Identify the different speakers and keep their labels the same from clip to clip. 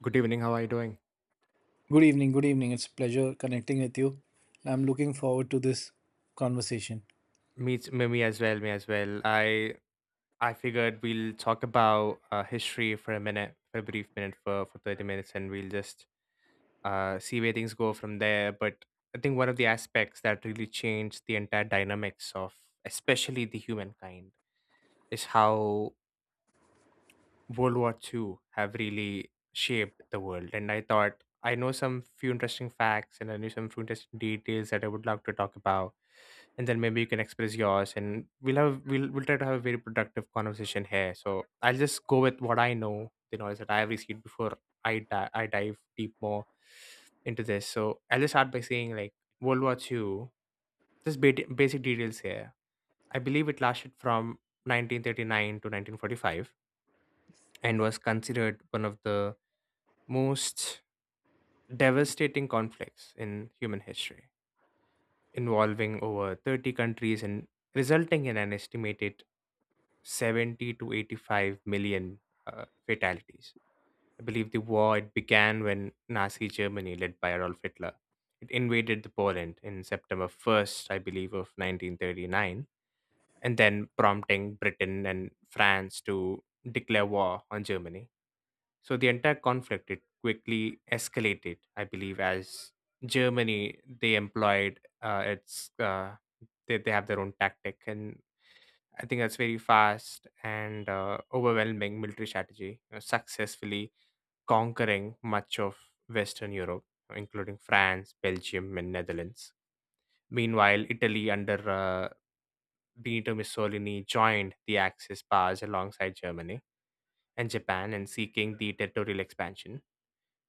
Speaker 1: Good evening. How are you doing?
Speaker 2: Good evening. Good evening. It's a pleasure connecting with you. I'm looking forward to this conversation.
Speaker 1: Me as well. Me as well. I figured we'll talk about history for a minute, for a brief minute, for 30 minutes, and we'll just see where things go from there. But I think one of the aspects that really changed the entire dynamics of, especially the humankind, is how World War Two have really shaped the world. And I thought I know some few interesting facts, and I knew some few interesting details that I would love to talk about, and then maybe you can express yours, and we'll try to have a very productive conversation here. So I'll just go with what I know, the knowledge that I have received before I dive deep more into this. So I'll just start by saying, like, World War II, just basic details here. I believe it lasted from 1939 to 1945, and was considered one of the most devastating conflicts in human history, involving over 30 countries and resulting in an estimated 70 to 85 million fatalities. I believe the war it began when Nazi Germany, led by Adolf Hitler, it invaded the Poland in September 1st, I believe, of 1939, and then prompting Britain and France to declare war on Germany. So the entire conflict it quickly escalated, I believe, as Germany they employed its they have their own tactic, and I think that's very fast and overwhelming military strategy, successfully conquering much of Western Europe, including France, Belgium, and Netherlands. Meanwhile, Italy under Benito Mussolini joined the Axis powers alongside Germany and Japan in seeking the territorial expansion.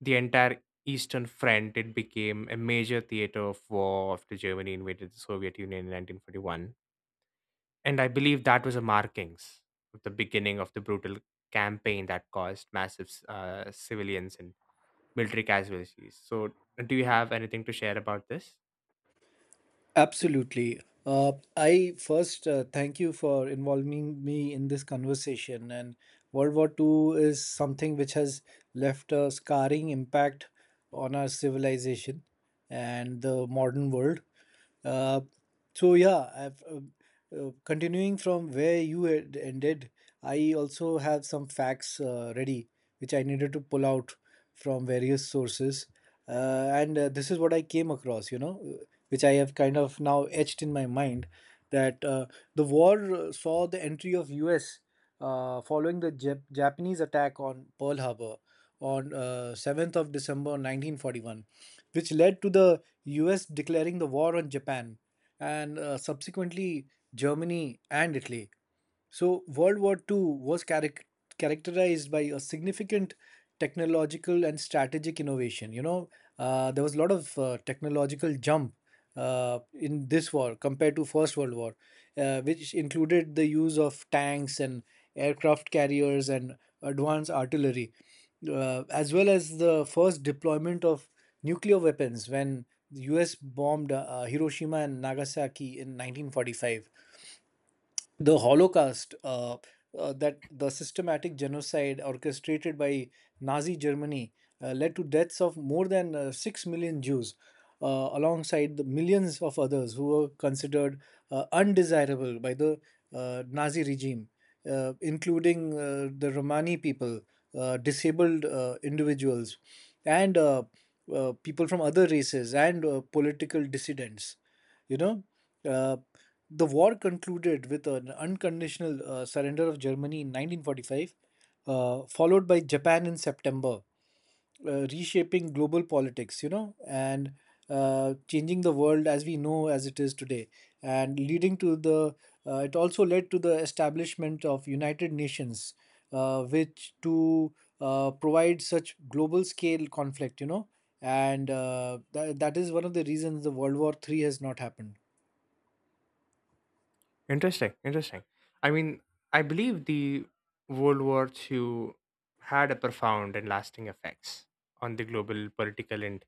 Speaker 1: The entire Eastern Front it became a major theater of war after Germany invaded the Soviet Union in 1941, and I believe that was a markings of the beginning of the brutal campaign that caused massive civilians and military casualties. So, do you have anything to share about this?
Speaker 2: Absolutely. I first thank you for involving me in this conversation. And World War Two is something which has left a scarring impact on our civilization and the modern world. Uh, So yeah, I've, uh, Continuing from where you had ended, I also have some facts ready, which I needed to pull out from various sources, and this is what I came across, which I have kind of now etched in my mind that the war saw the entry of U.S. Following the Japanese attack on Pearl Harbor on 7th of December 1941, which led to the U.S. declaring the war on Japan and subsequently Germany and Italy. So, World War Two was characterized by a significant technological and strategic innovation. There was a lot of technological jump in this war compared to First World War, which included the use of tanks and aircraft carriers and advanced artillery, as well as the first deployment of nuclear weapons when the US bombed Hiroshima and Nagasaki in 1945. The Holocaust, that the systematic genocide orchestrated by Nazi Germany led to deaths of more than 6 million Jews, uh, alongside the millions of others who were considered undesirable by the Nazi regime, including the Romani people, disabled individuals, and people from other races and political dissidents. You know, uh, the war concluded with an unconditional surrender of Germany in 1945, followed by Japan in September, reshaping global politics, you know, and changing the world as we know as it is today, and leading to the it also led to the establishment of United Nations, which to provide such global scale conflict, you know, and that is one of the reasons the World War Three has not happened.
Speaker 1: Interesting, interesting. I mean, I believe the World War II had a profound and lasting effects on the global political and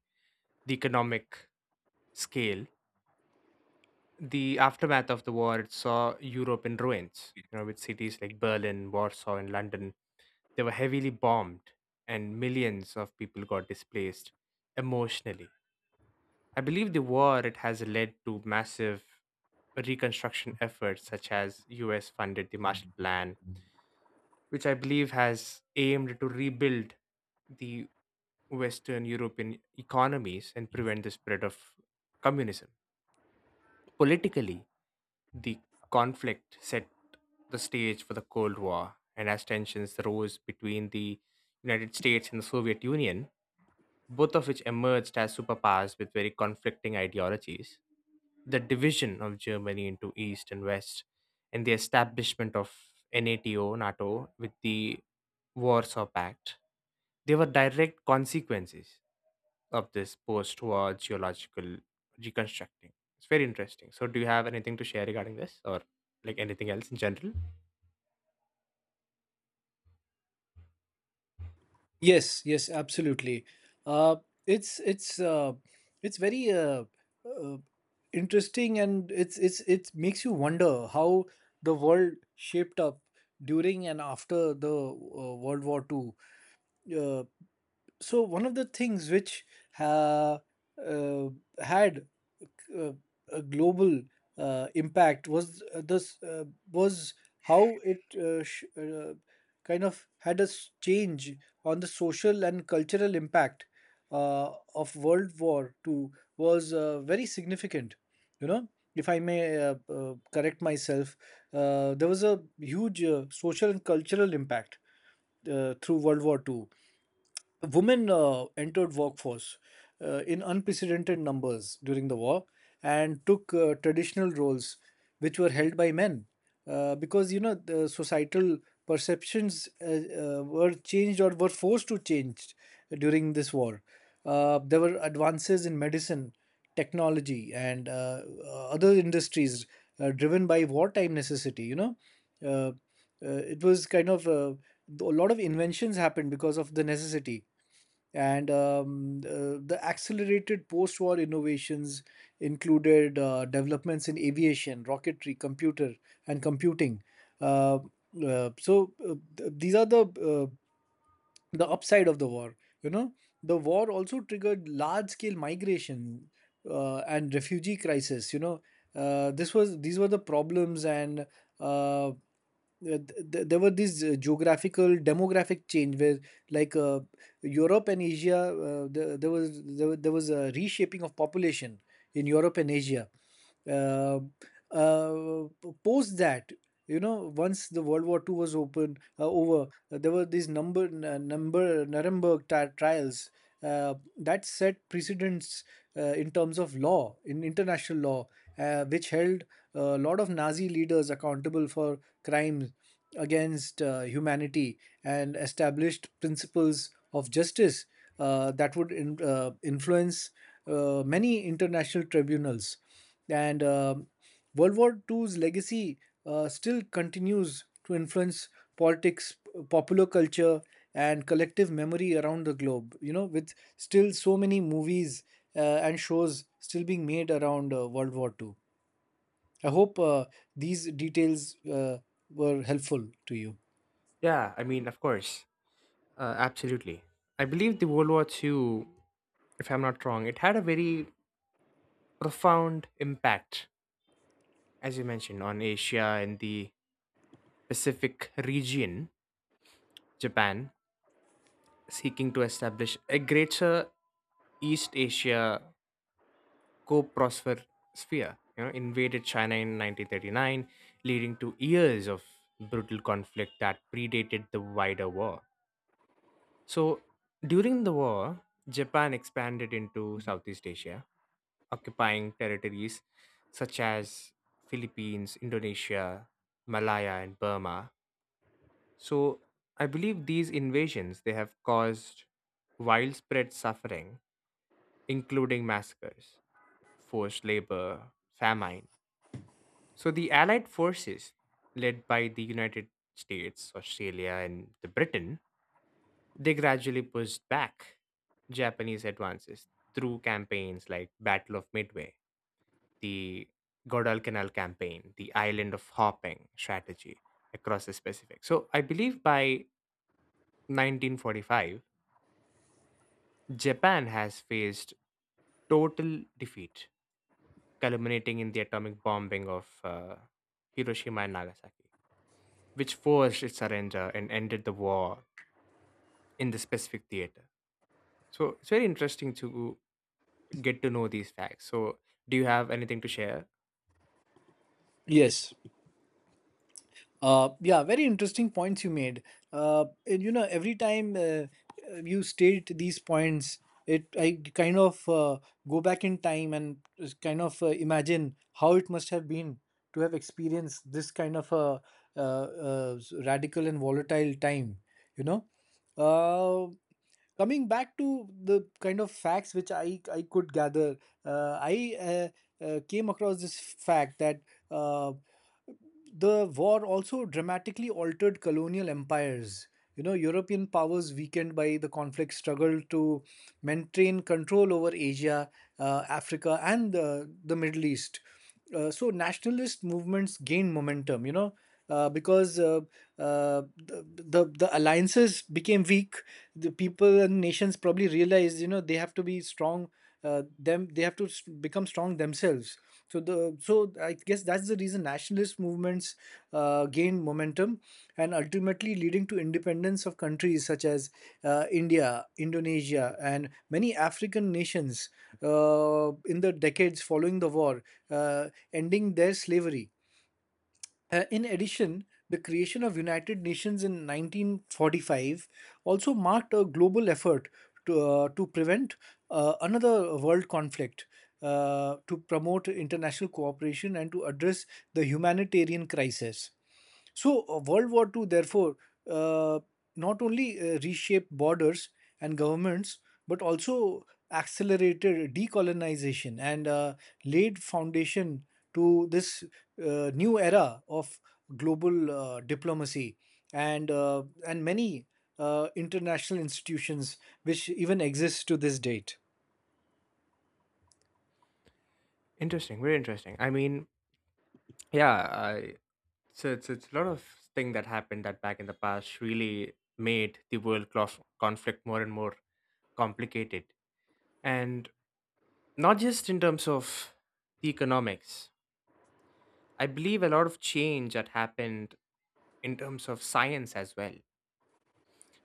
Speaker 1: the economic scale. The aftermath of the war it saw Europe in ruins, you know, with cities like Berlin, Warsaw, and London. They were heavily bombed, and millions of people got displaced emotionally. I believe the war it has led to massive reconstruction efforts such as US funded the Marshall Plan, which I believe has aimed to rebuild the Western European economies and prevent the spread of communism. Politically, the conflict set the stage for the Cold War, and as tensions rose between the United States and the Soviet Union, both of which emerged as superpowers with very conflicting ideologies. The division of Germany into East and West, and the establishment of NATO, with the Warsaw Pact, they were direct consequences of this post war geological reconstructing. It's very interesting. So, do you have anything to share regarding this, or like anything else in general?
Speaker 2: Yes, yes, absolutely. Uh, it's it's uh, it's very uh, interesting, and it makes you wonder how the world shaped up during and after the World War Two. Uh, so one of the things which ha, uh, had uh, a global impact was this was how it kind of had a change on the social and cultural impact of World War Two was very significant. You know, if I may correct myself, there was a huge social and cultural impact through World War Two. Women entered workforce in unprecedented numbers during the war and took traditional roles which were held by men because the societal perceptions were changed or were forced to change during this war. There were advances in medicine technology and other industries driven by wartime necessity. Uh, it was kind of a lot of inventions happened because of the necessity, and the accelerated post-war innovations included developments in aviation, rocketry, computer, and computing. Uh, these are the upside of the war. you know the war also triggered large scale migration and refugee crisis. This was These were the problems, and uh, th- there were these geographical demographic change where like uh, Europe and Asia. There was a reshaping of population in Europe and Asia uh, uh, post that. Once the World War II was open over, there were these number n- number nuremberg trials that set precedents in terms of law in international law, which held a lot of Nazi leaders accountable for crimes against humanity and established principles of justice that would influence many international tribunals. And World War II's legacy still continues to influence politics, popular culture, and collective memory around the globe. With still so many movies uh, and shows still being made around World War II. I hope these details were helpful to you.
Speaker 1: Yeah, I mean, of course, absolutely. I believe the World War II, if I'm not wrong, it had a very profound impact, as you mentioned, on Asia and the Pacific region, Japan, seeking to establish a greater East Asia co-prosper sphere. You know, invaded China in 1939, leading to years of brutal conflict that predated the wider war. So during the war, Japan expanded into Southeast Asia, occupying territories such as Philippines, Indonesia, Malaya and Burma. So I believe these invasions they have caused widespread suffering, including massacres, forced labor, famine. So the allied forces led by the United States, Australia and the Britain, they gradually pushed back Japanese advances through campaigns like Battle of Midway, the Guadalcanal campaign, the Island of Hopping strategy across the Pacific. So I believe by 1945, Japan has faced total defeat, culminating in the atomic bombing of Hiroshima and Nagasaki, which forced its surrender and ended the war in the Pacific theater. So it's very interesting to get to know these facts. So, do you have anything to share?
Speaker 2: Yes. Yeah, Very interesting points you made. Every time you state these points, it I kind of go back in time and just kind of imagine how it must have been to have experienced this kind of a radical and volatile time. You know, uh, Coming back to the kind of facts which I could gather, I came across this fact that. Uh, the war also dramatically altered colonial empires. European powers weakened by the conflict struggled to maintain control over Asia, Africa, and the Middle East. So nationalist movements gained momentum, you know, because the alliances became weak. The people and nations probably realized, they have to be strong. Them They have to become strong themselves, so the so I guess that's the reason nationalist movements gained momentum and ultimately leading to independence of countries such as India, Indonesia, and many African nations in the decades following the war, ending their slavery. In addition, the creation of United Nations in 1945 also marked a global effort to prevent another world conflict, to promote international cooperation, and to address the humanitarian crisis. So, World War Two, therefore, uh, not only reshaped borders and governments, but also accelerated decolonization and laid foundation to this new era of global diplomacy and many international institutions which even exist to this date.
Speaker 1: Interesting, very interesting. I mean, yeah, so it's a lot of thing that happened that back in the past really made the world conflict more and more complicated, and not just in terms of the economics. I believe a lot of change that happened in terms of science as well,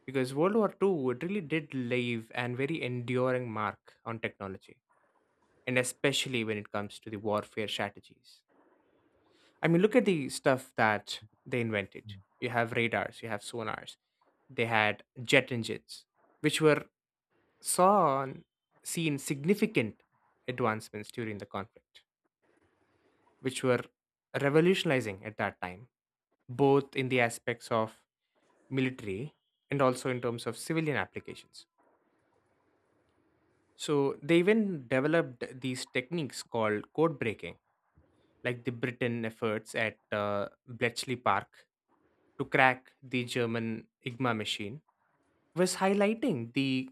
Speaker 1: because World War Two it really did leave an very enduring mark on technology, and especially when it comes to the warfare strategies. I mean, look at the stuff that they invented. You have radars, you have sonars, they had jet engines, which were saw and seen significant advancements during the conflict, which were revolutionizing at that time, both in the aspects of military and also in terms of civilian applications. So they even developed these techniques called code breaking, like the Britain efforts at Bletchley Park to crack the German IGMA machine, was highlighting the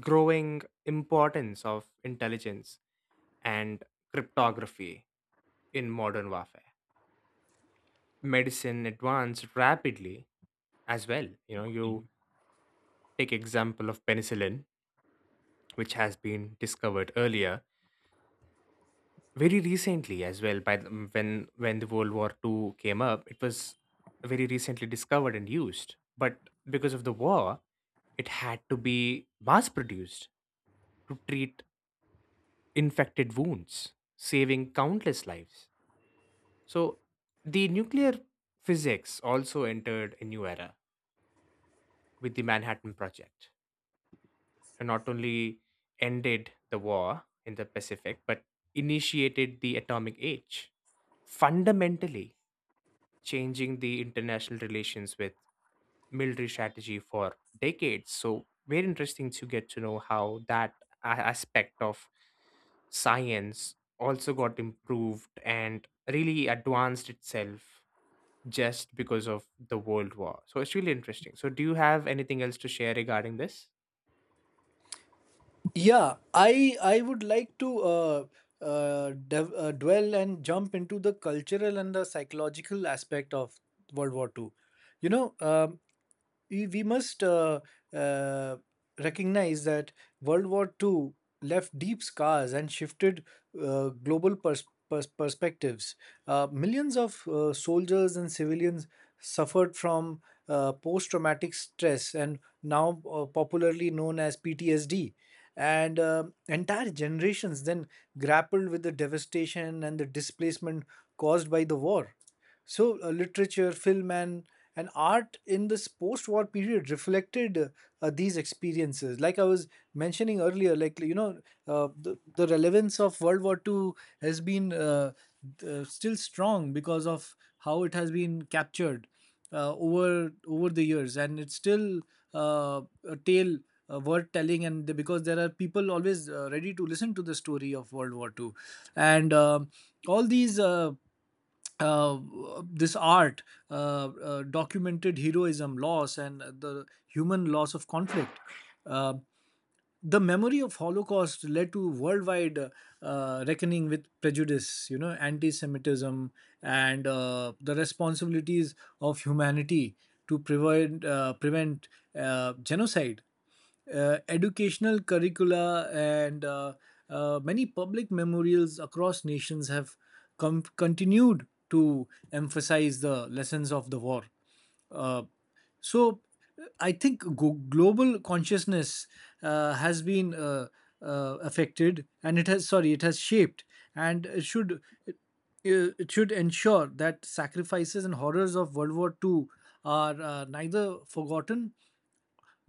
Speaker 1: growing importance of intelligence and cryptography in modern warfare. Medicine advanced rapidly as well. You know, you take example of penicillin, which has been discovered earlier, very recently as well by the, mm, when the World War Two came up, it was very recently discovered and used, but because of the war it had to be mass produced to treat infected wounds, saving countless lives. So the nuclear physics also entered a new era with the Manhattan Project, and not only ended the war in the Pacific but initiated the atomic age, fundamentally changing the international relations with military strategy for decades. So, very interesting to get to know how that aspect of science also got improved and really advanced itself just because of the world war. So it's really interesting. So do you have anything else to share regarding this?
Speaker 2: Yeah, I would like to dwell and jump into the cultural and the psychological aspect of World War Two. You know, um we must uh, recognize that World War Two left deep scars and shifted global perspectives. Millions of soldiers and civilians suffered from post traumatic stress and now popularly known as PTSD. And entire generations then grappled with the devastation and the displacement caused by the war. So, literature, film, and art in this post war period reflected these experiences. Like I was mentioning earlier, the relevance of World War Two has been still strong because of how it has been captured over the years, and it's still uh, a tale worth telling, and because there are people always ready to listen to the story of World War Two, and all these uh, this art uh, documented heroism, loss, and the human loss of conflict. Um the memory of holocaust led to worldwide reckoning with prejudice, anti-semitism, and the responsibilities of humanity to prevent genocide. Educational curricula and many public memorials across nations have continued to emphasize the lessons of the war. Uh, so I think global consciousness has been affected, and it has sorry, it has shaped, and it should ensure that sacrifices and horrors of World War Two are neither forgotten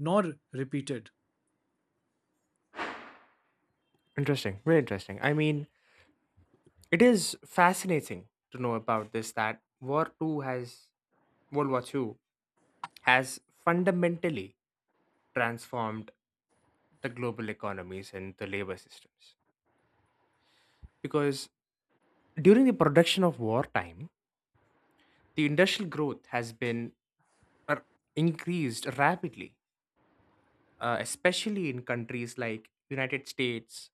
Speaker 2: nor repeated.
Speaker 1: Interesting, very interesting. I mean, it is fascinating to know about this, that war 2 has world war 2 has fundamentally transformed the global economies and the labor systems. Because during the production of wartime, the industrial growth has been uh, increased rapidly, especially in countries like United States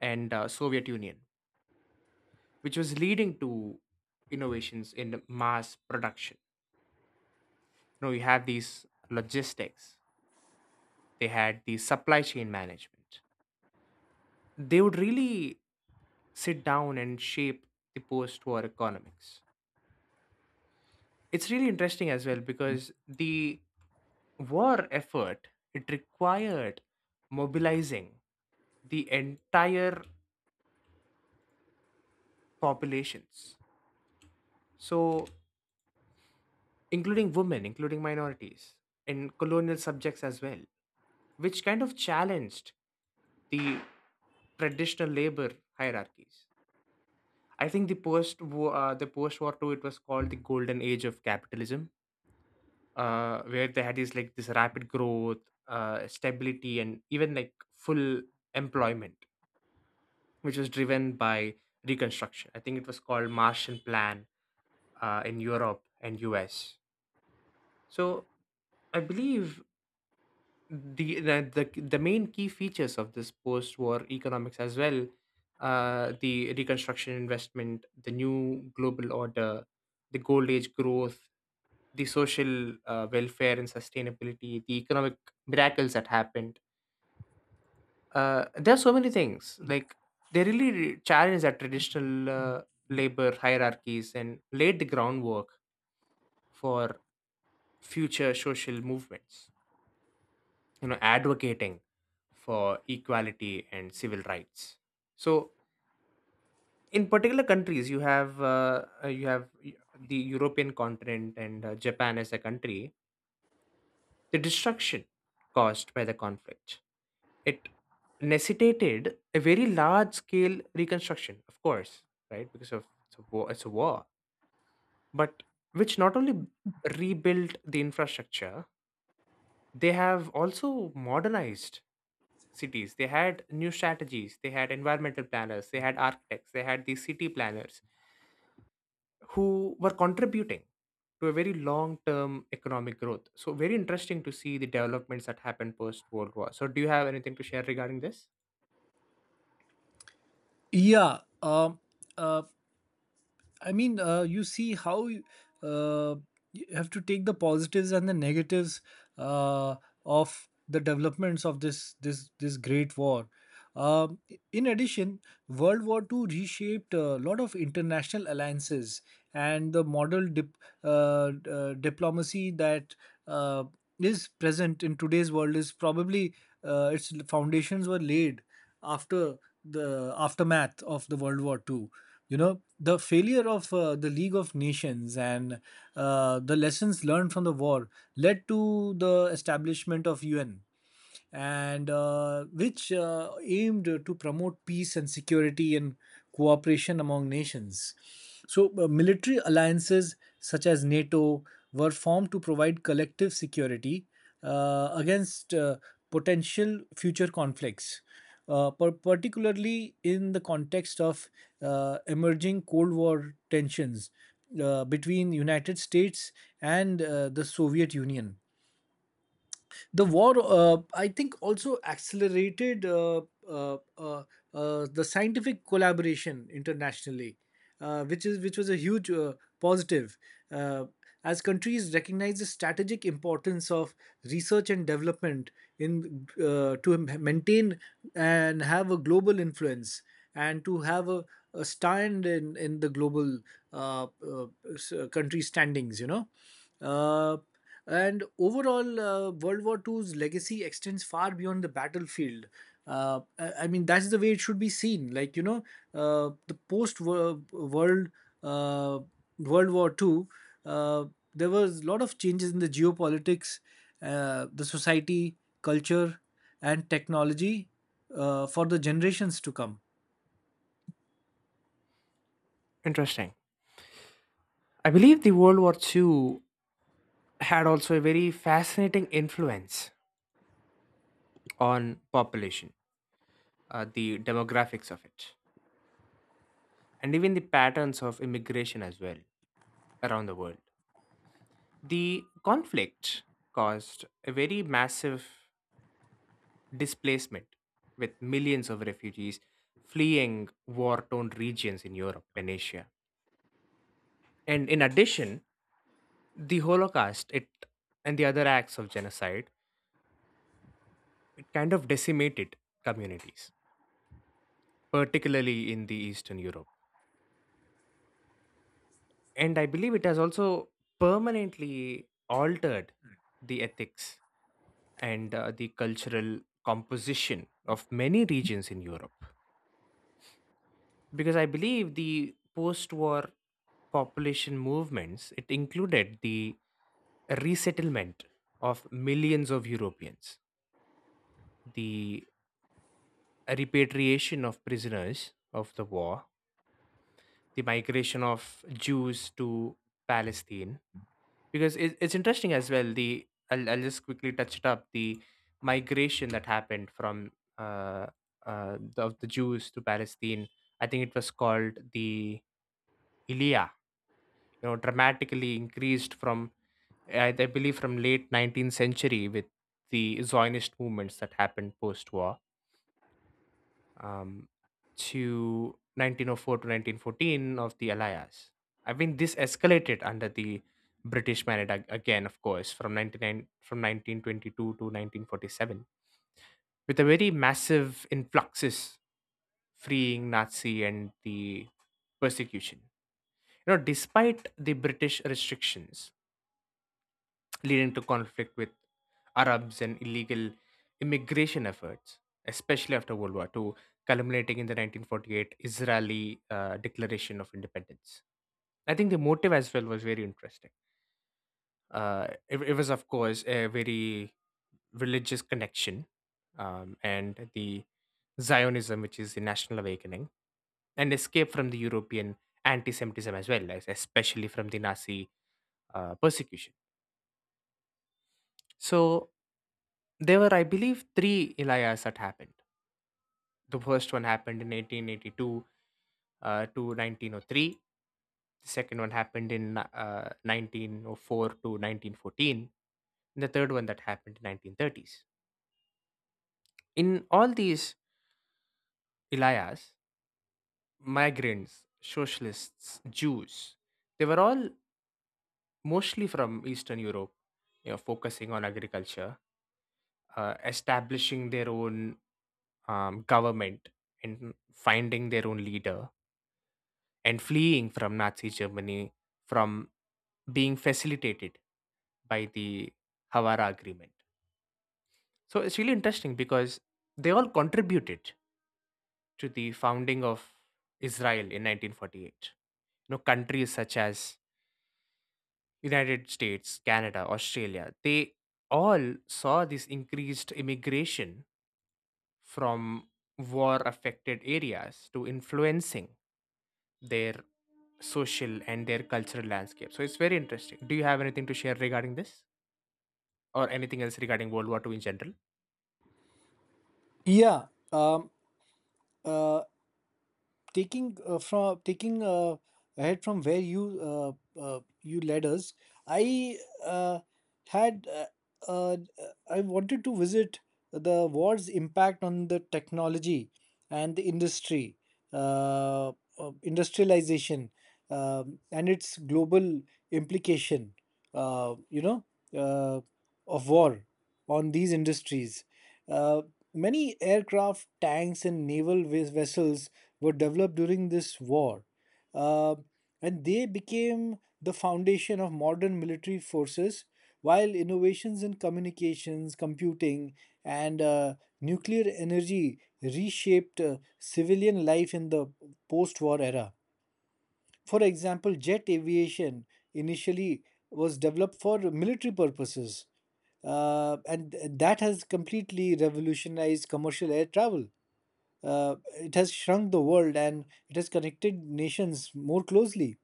Speaker 1: and Soviet Union, which was leading to innovations in mass production. You know, you have these logistics. They had the supply chain management. They would really sit down and shape the post-war economics. It's really interesting as well because the war effort it required mobilizing the entire populations, so including women, including minorities, and colonial subjects as well, which kind of challenged the traditional labor hierarchies. I think the post war 2 it was called the golden age of capitalism, where they had this like this rapid growth, stability, and even like full employment, which was driven by reconstruction. I think it was called Martian Plan in Europe and U.S. So I believe the the the main key features of this post-war economics as well. The reconstruction investment, the new global order, the gold age growth, the social welfare and sustainability, the economic miracles that happened. There are so many things, like they really challenge that traditional labor hierarchies and laid the groundwork for future social movements, you know, advocating for equality and civil rights. So in particular countries, you have the European continent and Japan as a country. The destruction caused by the conflict, it necessitated a very large scale reconstruction, of course, right? Because of it's a war, but which not only rebuilt the infrastructure, they have also modernized cities. They had new strategies. They had environmental planners. They had architects. They had these city planners who were contributing to a very long term economic growth. So, very interesting to see the developments that happened post World War. So, do you have anything to share regarding this?
Speaker 2: Yeah, uh, I mean, you see how uh, you have to take the positives and the negatives uh, of the developments of this great war. Um, in addition, World War Two reshaped a lot of international alliances and the diplomacy that uh, is present in today's world is probably its foundations were laid after the aftermath of the World War Two. The failure of the League of Nations and the lessons learned from the war led to the establishment of UN, and which aimed to promote peace and security and cooperation among nations. So, military alliances such as NATO were formed to provide collective security against potential future conflicts, particularly in the context of emerging Cold War tensions between United States and the Soviet Union. The war, I think, also accelerated uh, uh, the scientific collaboration internationally, which was a huge positive uh, as countries recognize the strategic importance of research and development in, to maintain and have a global influence and to have a stand in the global uh, uh, country standings. Uh, and overall, World War II's legacy extends far beyond the battlefield. I mean, that's the way it should be seen. Like you know, the post-world uh, World War II, uh, there was a lot of changes in the geopolitics, the society, culture, and technology for the generations to come.
Speaker 1: Interesting. I believe the World War II had also a very fascinating influence on population, the demographics of it, and even the patterns of immigration as well around the world. The conflict caused a very massive displacement, with millions of refugees fleeing war torn regions in Europe and Asia. And in addition, the Holocaust it, and the other acts of genocide, it kind of decimated communities, particularly in the Eastern Europe. And I believe it has also permanently altered the ethics and the cultural composition of many regions in Europe. Because I believe the post war population movements, it included the resettlement of millions of Europeans, the repatriation of prisoners of the war, the migration of Jews to Palestine. Because it's interesting as well, I'll just quickly touch it up, the migration that happened from uh, of the Jews to Palestine. I think it was called the ilia, you know, dramatically increased from I believe from late 19th century with the Zionist movements that happened post war, um, to 1904 to 1914 of the Allies. I mean, this escalated under the British mandate again, of course, from 1922 to 1947, with a very massive influxes freeing Nazi and the persecution. You know, despite the British restrictions, leading to conflict with Arabs and illegal immigration efforts, especially after World War II, culminating in the 1948 Israeli Declaration of Independence. I think the motive as well was very interesting. It was, of course, a very religious connection and the Zionism, which is the National Awakening, and escape from the European anti Semitism as well, especially from the Nazi persecution. So there were, I believe, three Elias that happened. The first one happened in 1882 to 1903. The second one happened in 1904 to 1914. And the third one that happened in 1930s. In all these Elias, migrants, socialists, Jews, they were all mostly from Eastern Europe, you know, focusing on agriculture, establishing their own government and finding their own leader and fleeing from Nazi Germany from being facilitated by the Havara Agreement. So it's really interesting because they all contributed to the founding of Israel in 1948. You know, countries such as United States, Canada, Australia, they all saw this increased immigration from war affected areas to influencing their social and their cultural landscape. So it's very interesting. Do you have anything to share regarding this or anything else regarding World War Two in general?
Speaker 2: Yeah, um, uh, taking ahead from where you led us, I uh, had I wanted to visit the war's impact on the technology and the industry, uh, industrialization, and its global implication. Uh, you know, uh, of war on these industries. uh. Many aircraft, tanks, and naval vessels were developed during this war, uh, and they became the foundation of modern military forces. While innovations in communications, computing, and nuclear energy reshaped civilian life in the post war era. For example, jet aviation initially was developed for military purposes, and that has completely revolutionized commercial air travel. It has shrunk the world and it has connected nations more closely,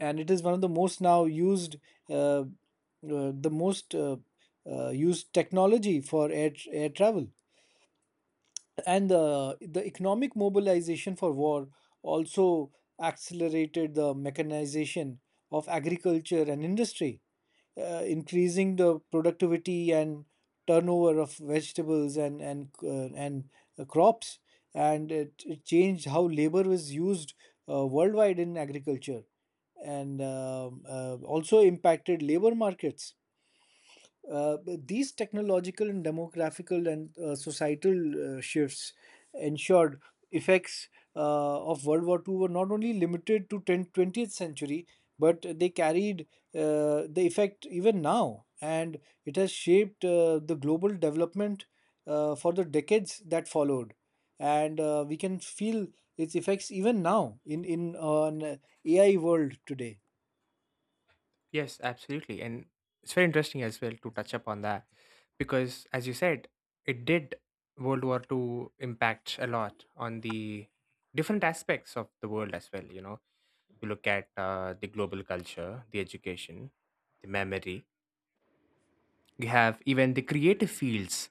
Speaker 2: and it is one of the most now used, uh, uh, the most used technology for air travel. And the economic mobilization for war also accelerated the mechanization of agriculture and industry, increasing the productivity and turnover of vegetables and crops, and it changed how labor was used worldwide in agriculture, and also impacted labor markets. But these technological and demographical and societal shifts ensured effects of World War II were not only limited to 10th, 20th century, but they carried the effect even now. And it has shaped the global development for the decades that followed. And we can feel its effects even now in an AI world today.
Speaker 1: Yes, absolutely. And it's very interesting as well to touch upon that because, as you said, it did World War Two impact a lot on the different aspects of the world as well. You know, you look at the global culture, the education, the memory. You have even the creative fields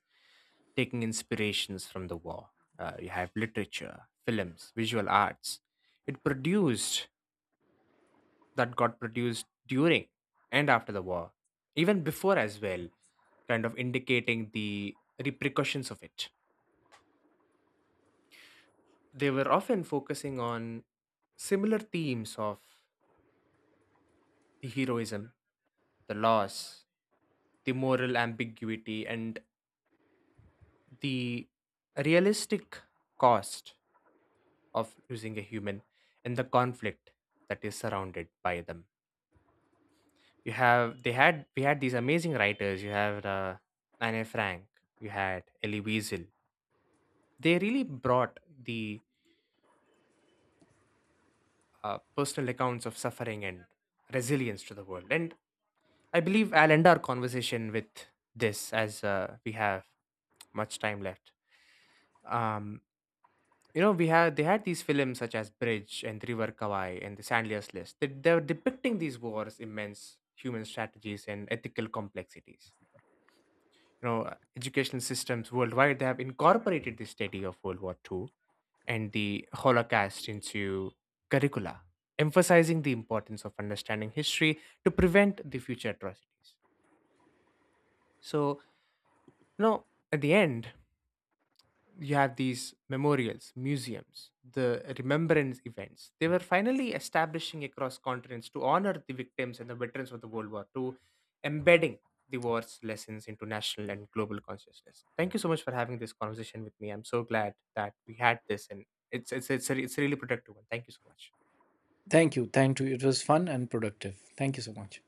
Speaker 1: taking inspirations from the war. You have literature, films, visual arts. It produced That got produced during and after the war, even before as well, kind of indicating the repercussions of it. They were often focusing on similar themes of the heroism, the loss, the moral ambiguity, and the realistic cost of losing a human and the conflict that is surrounded by them. You have they had we had these amazing writers. You have Anne Frank. You had Elie Wiesel. They really brought the personal accounts of suffering and resilience to the world. And I believe I'll end our conversation with this as we have much time left. Um, You know, we had they had these films such as Bridge and River Kawai and The Sandler's List. They were depicting these wars, immense human strategies, and ethical complexities. You know, educational systems worldwide they have incorporated the study of World War Two and the Holocaust into curricula, emphasizing the importance of understanding history to prevent the future atrocities. So, you know, at the end, you have these memorials, museums, the remembrance events. They were finally establishing across continents to honor the victims and the veterans of the World War II, embedding the war's lessons into national and global consciousness. Thank you so much for having this conversation with me. I'm so glad that we had this, and it's a really productive one. Thank you so much.
Speaker 2: Thank you. Thank you. It was fun and productive. Thank you so much.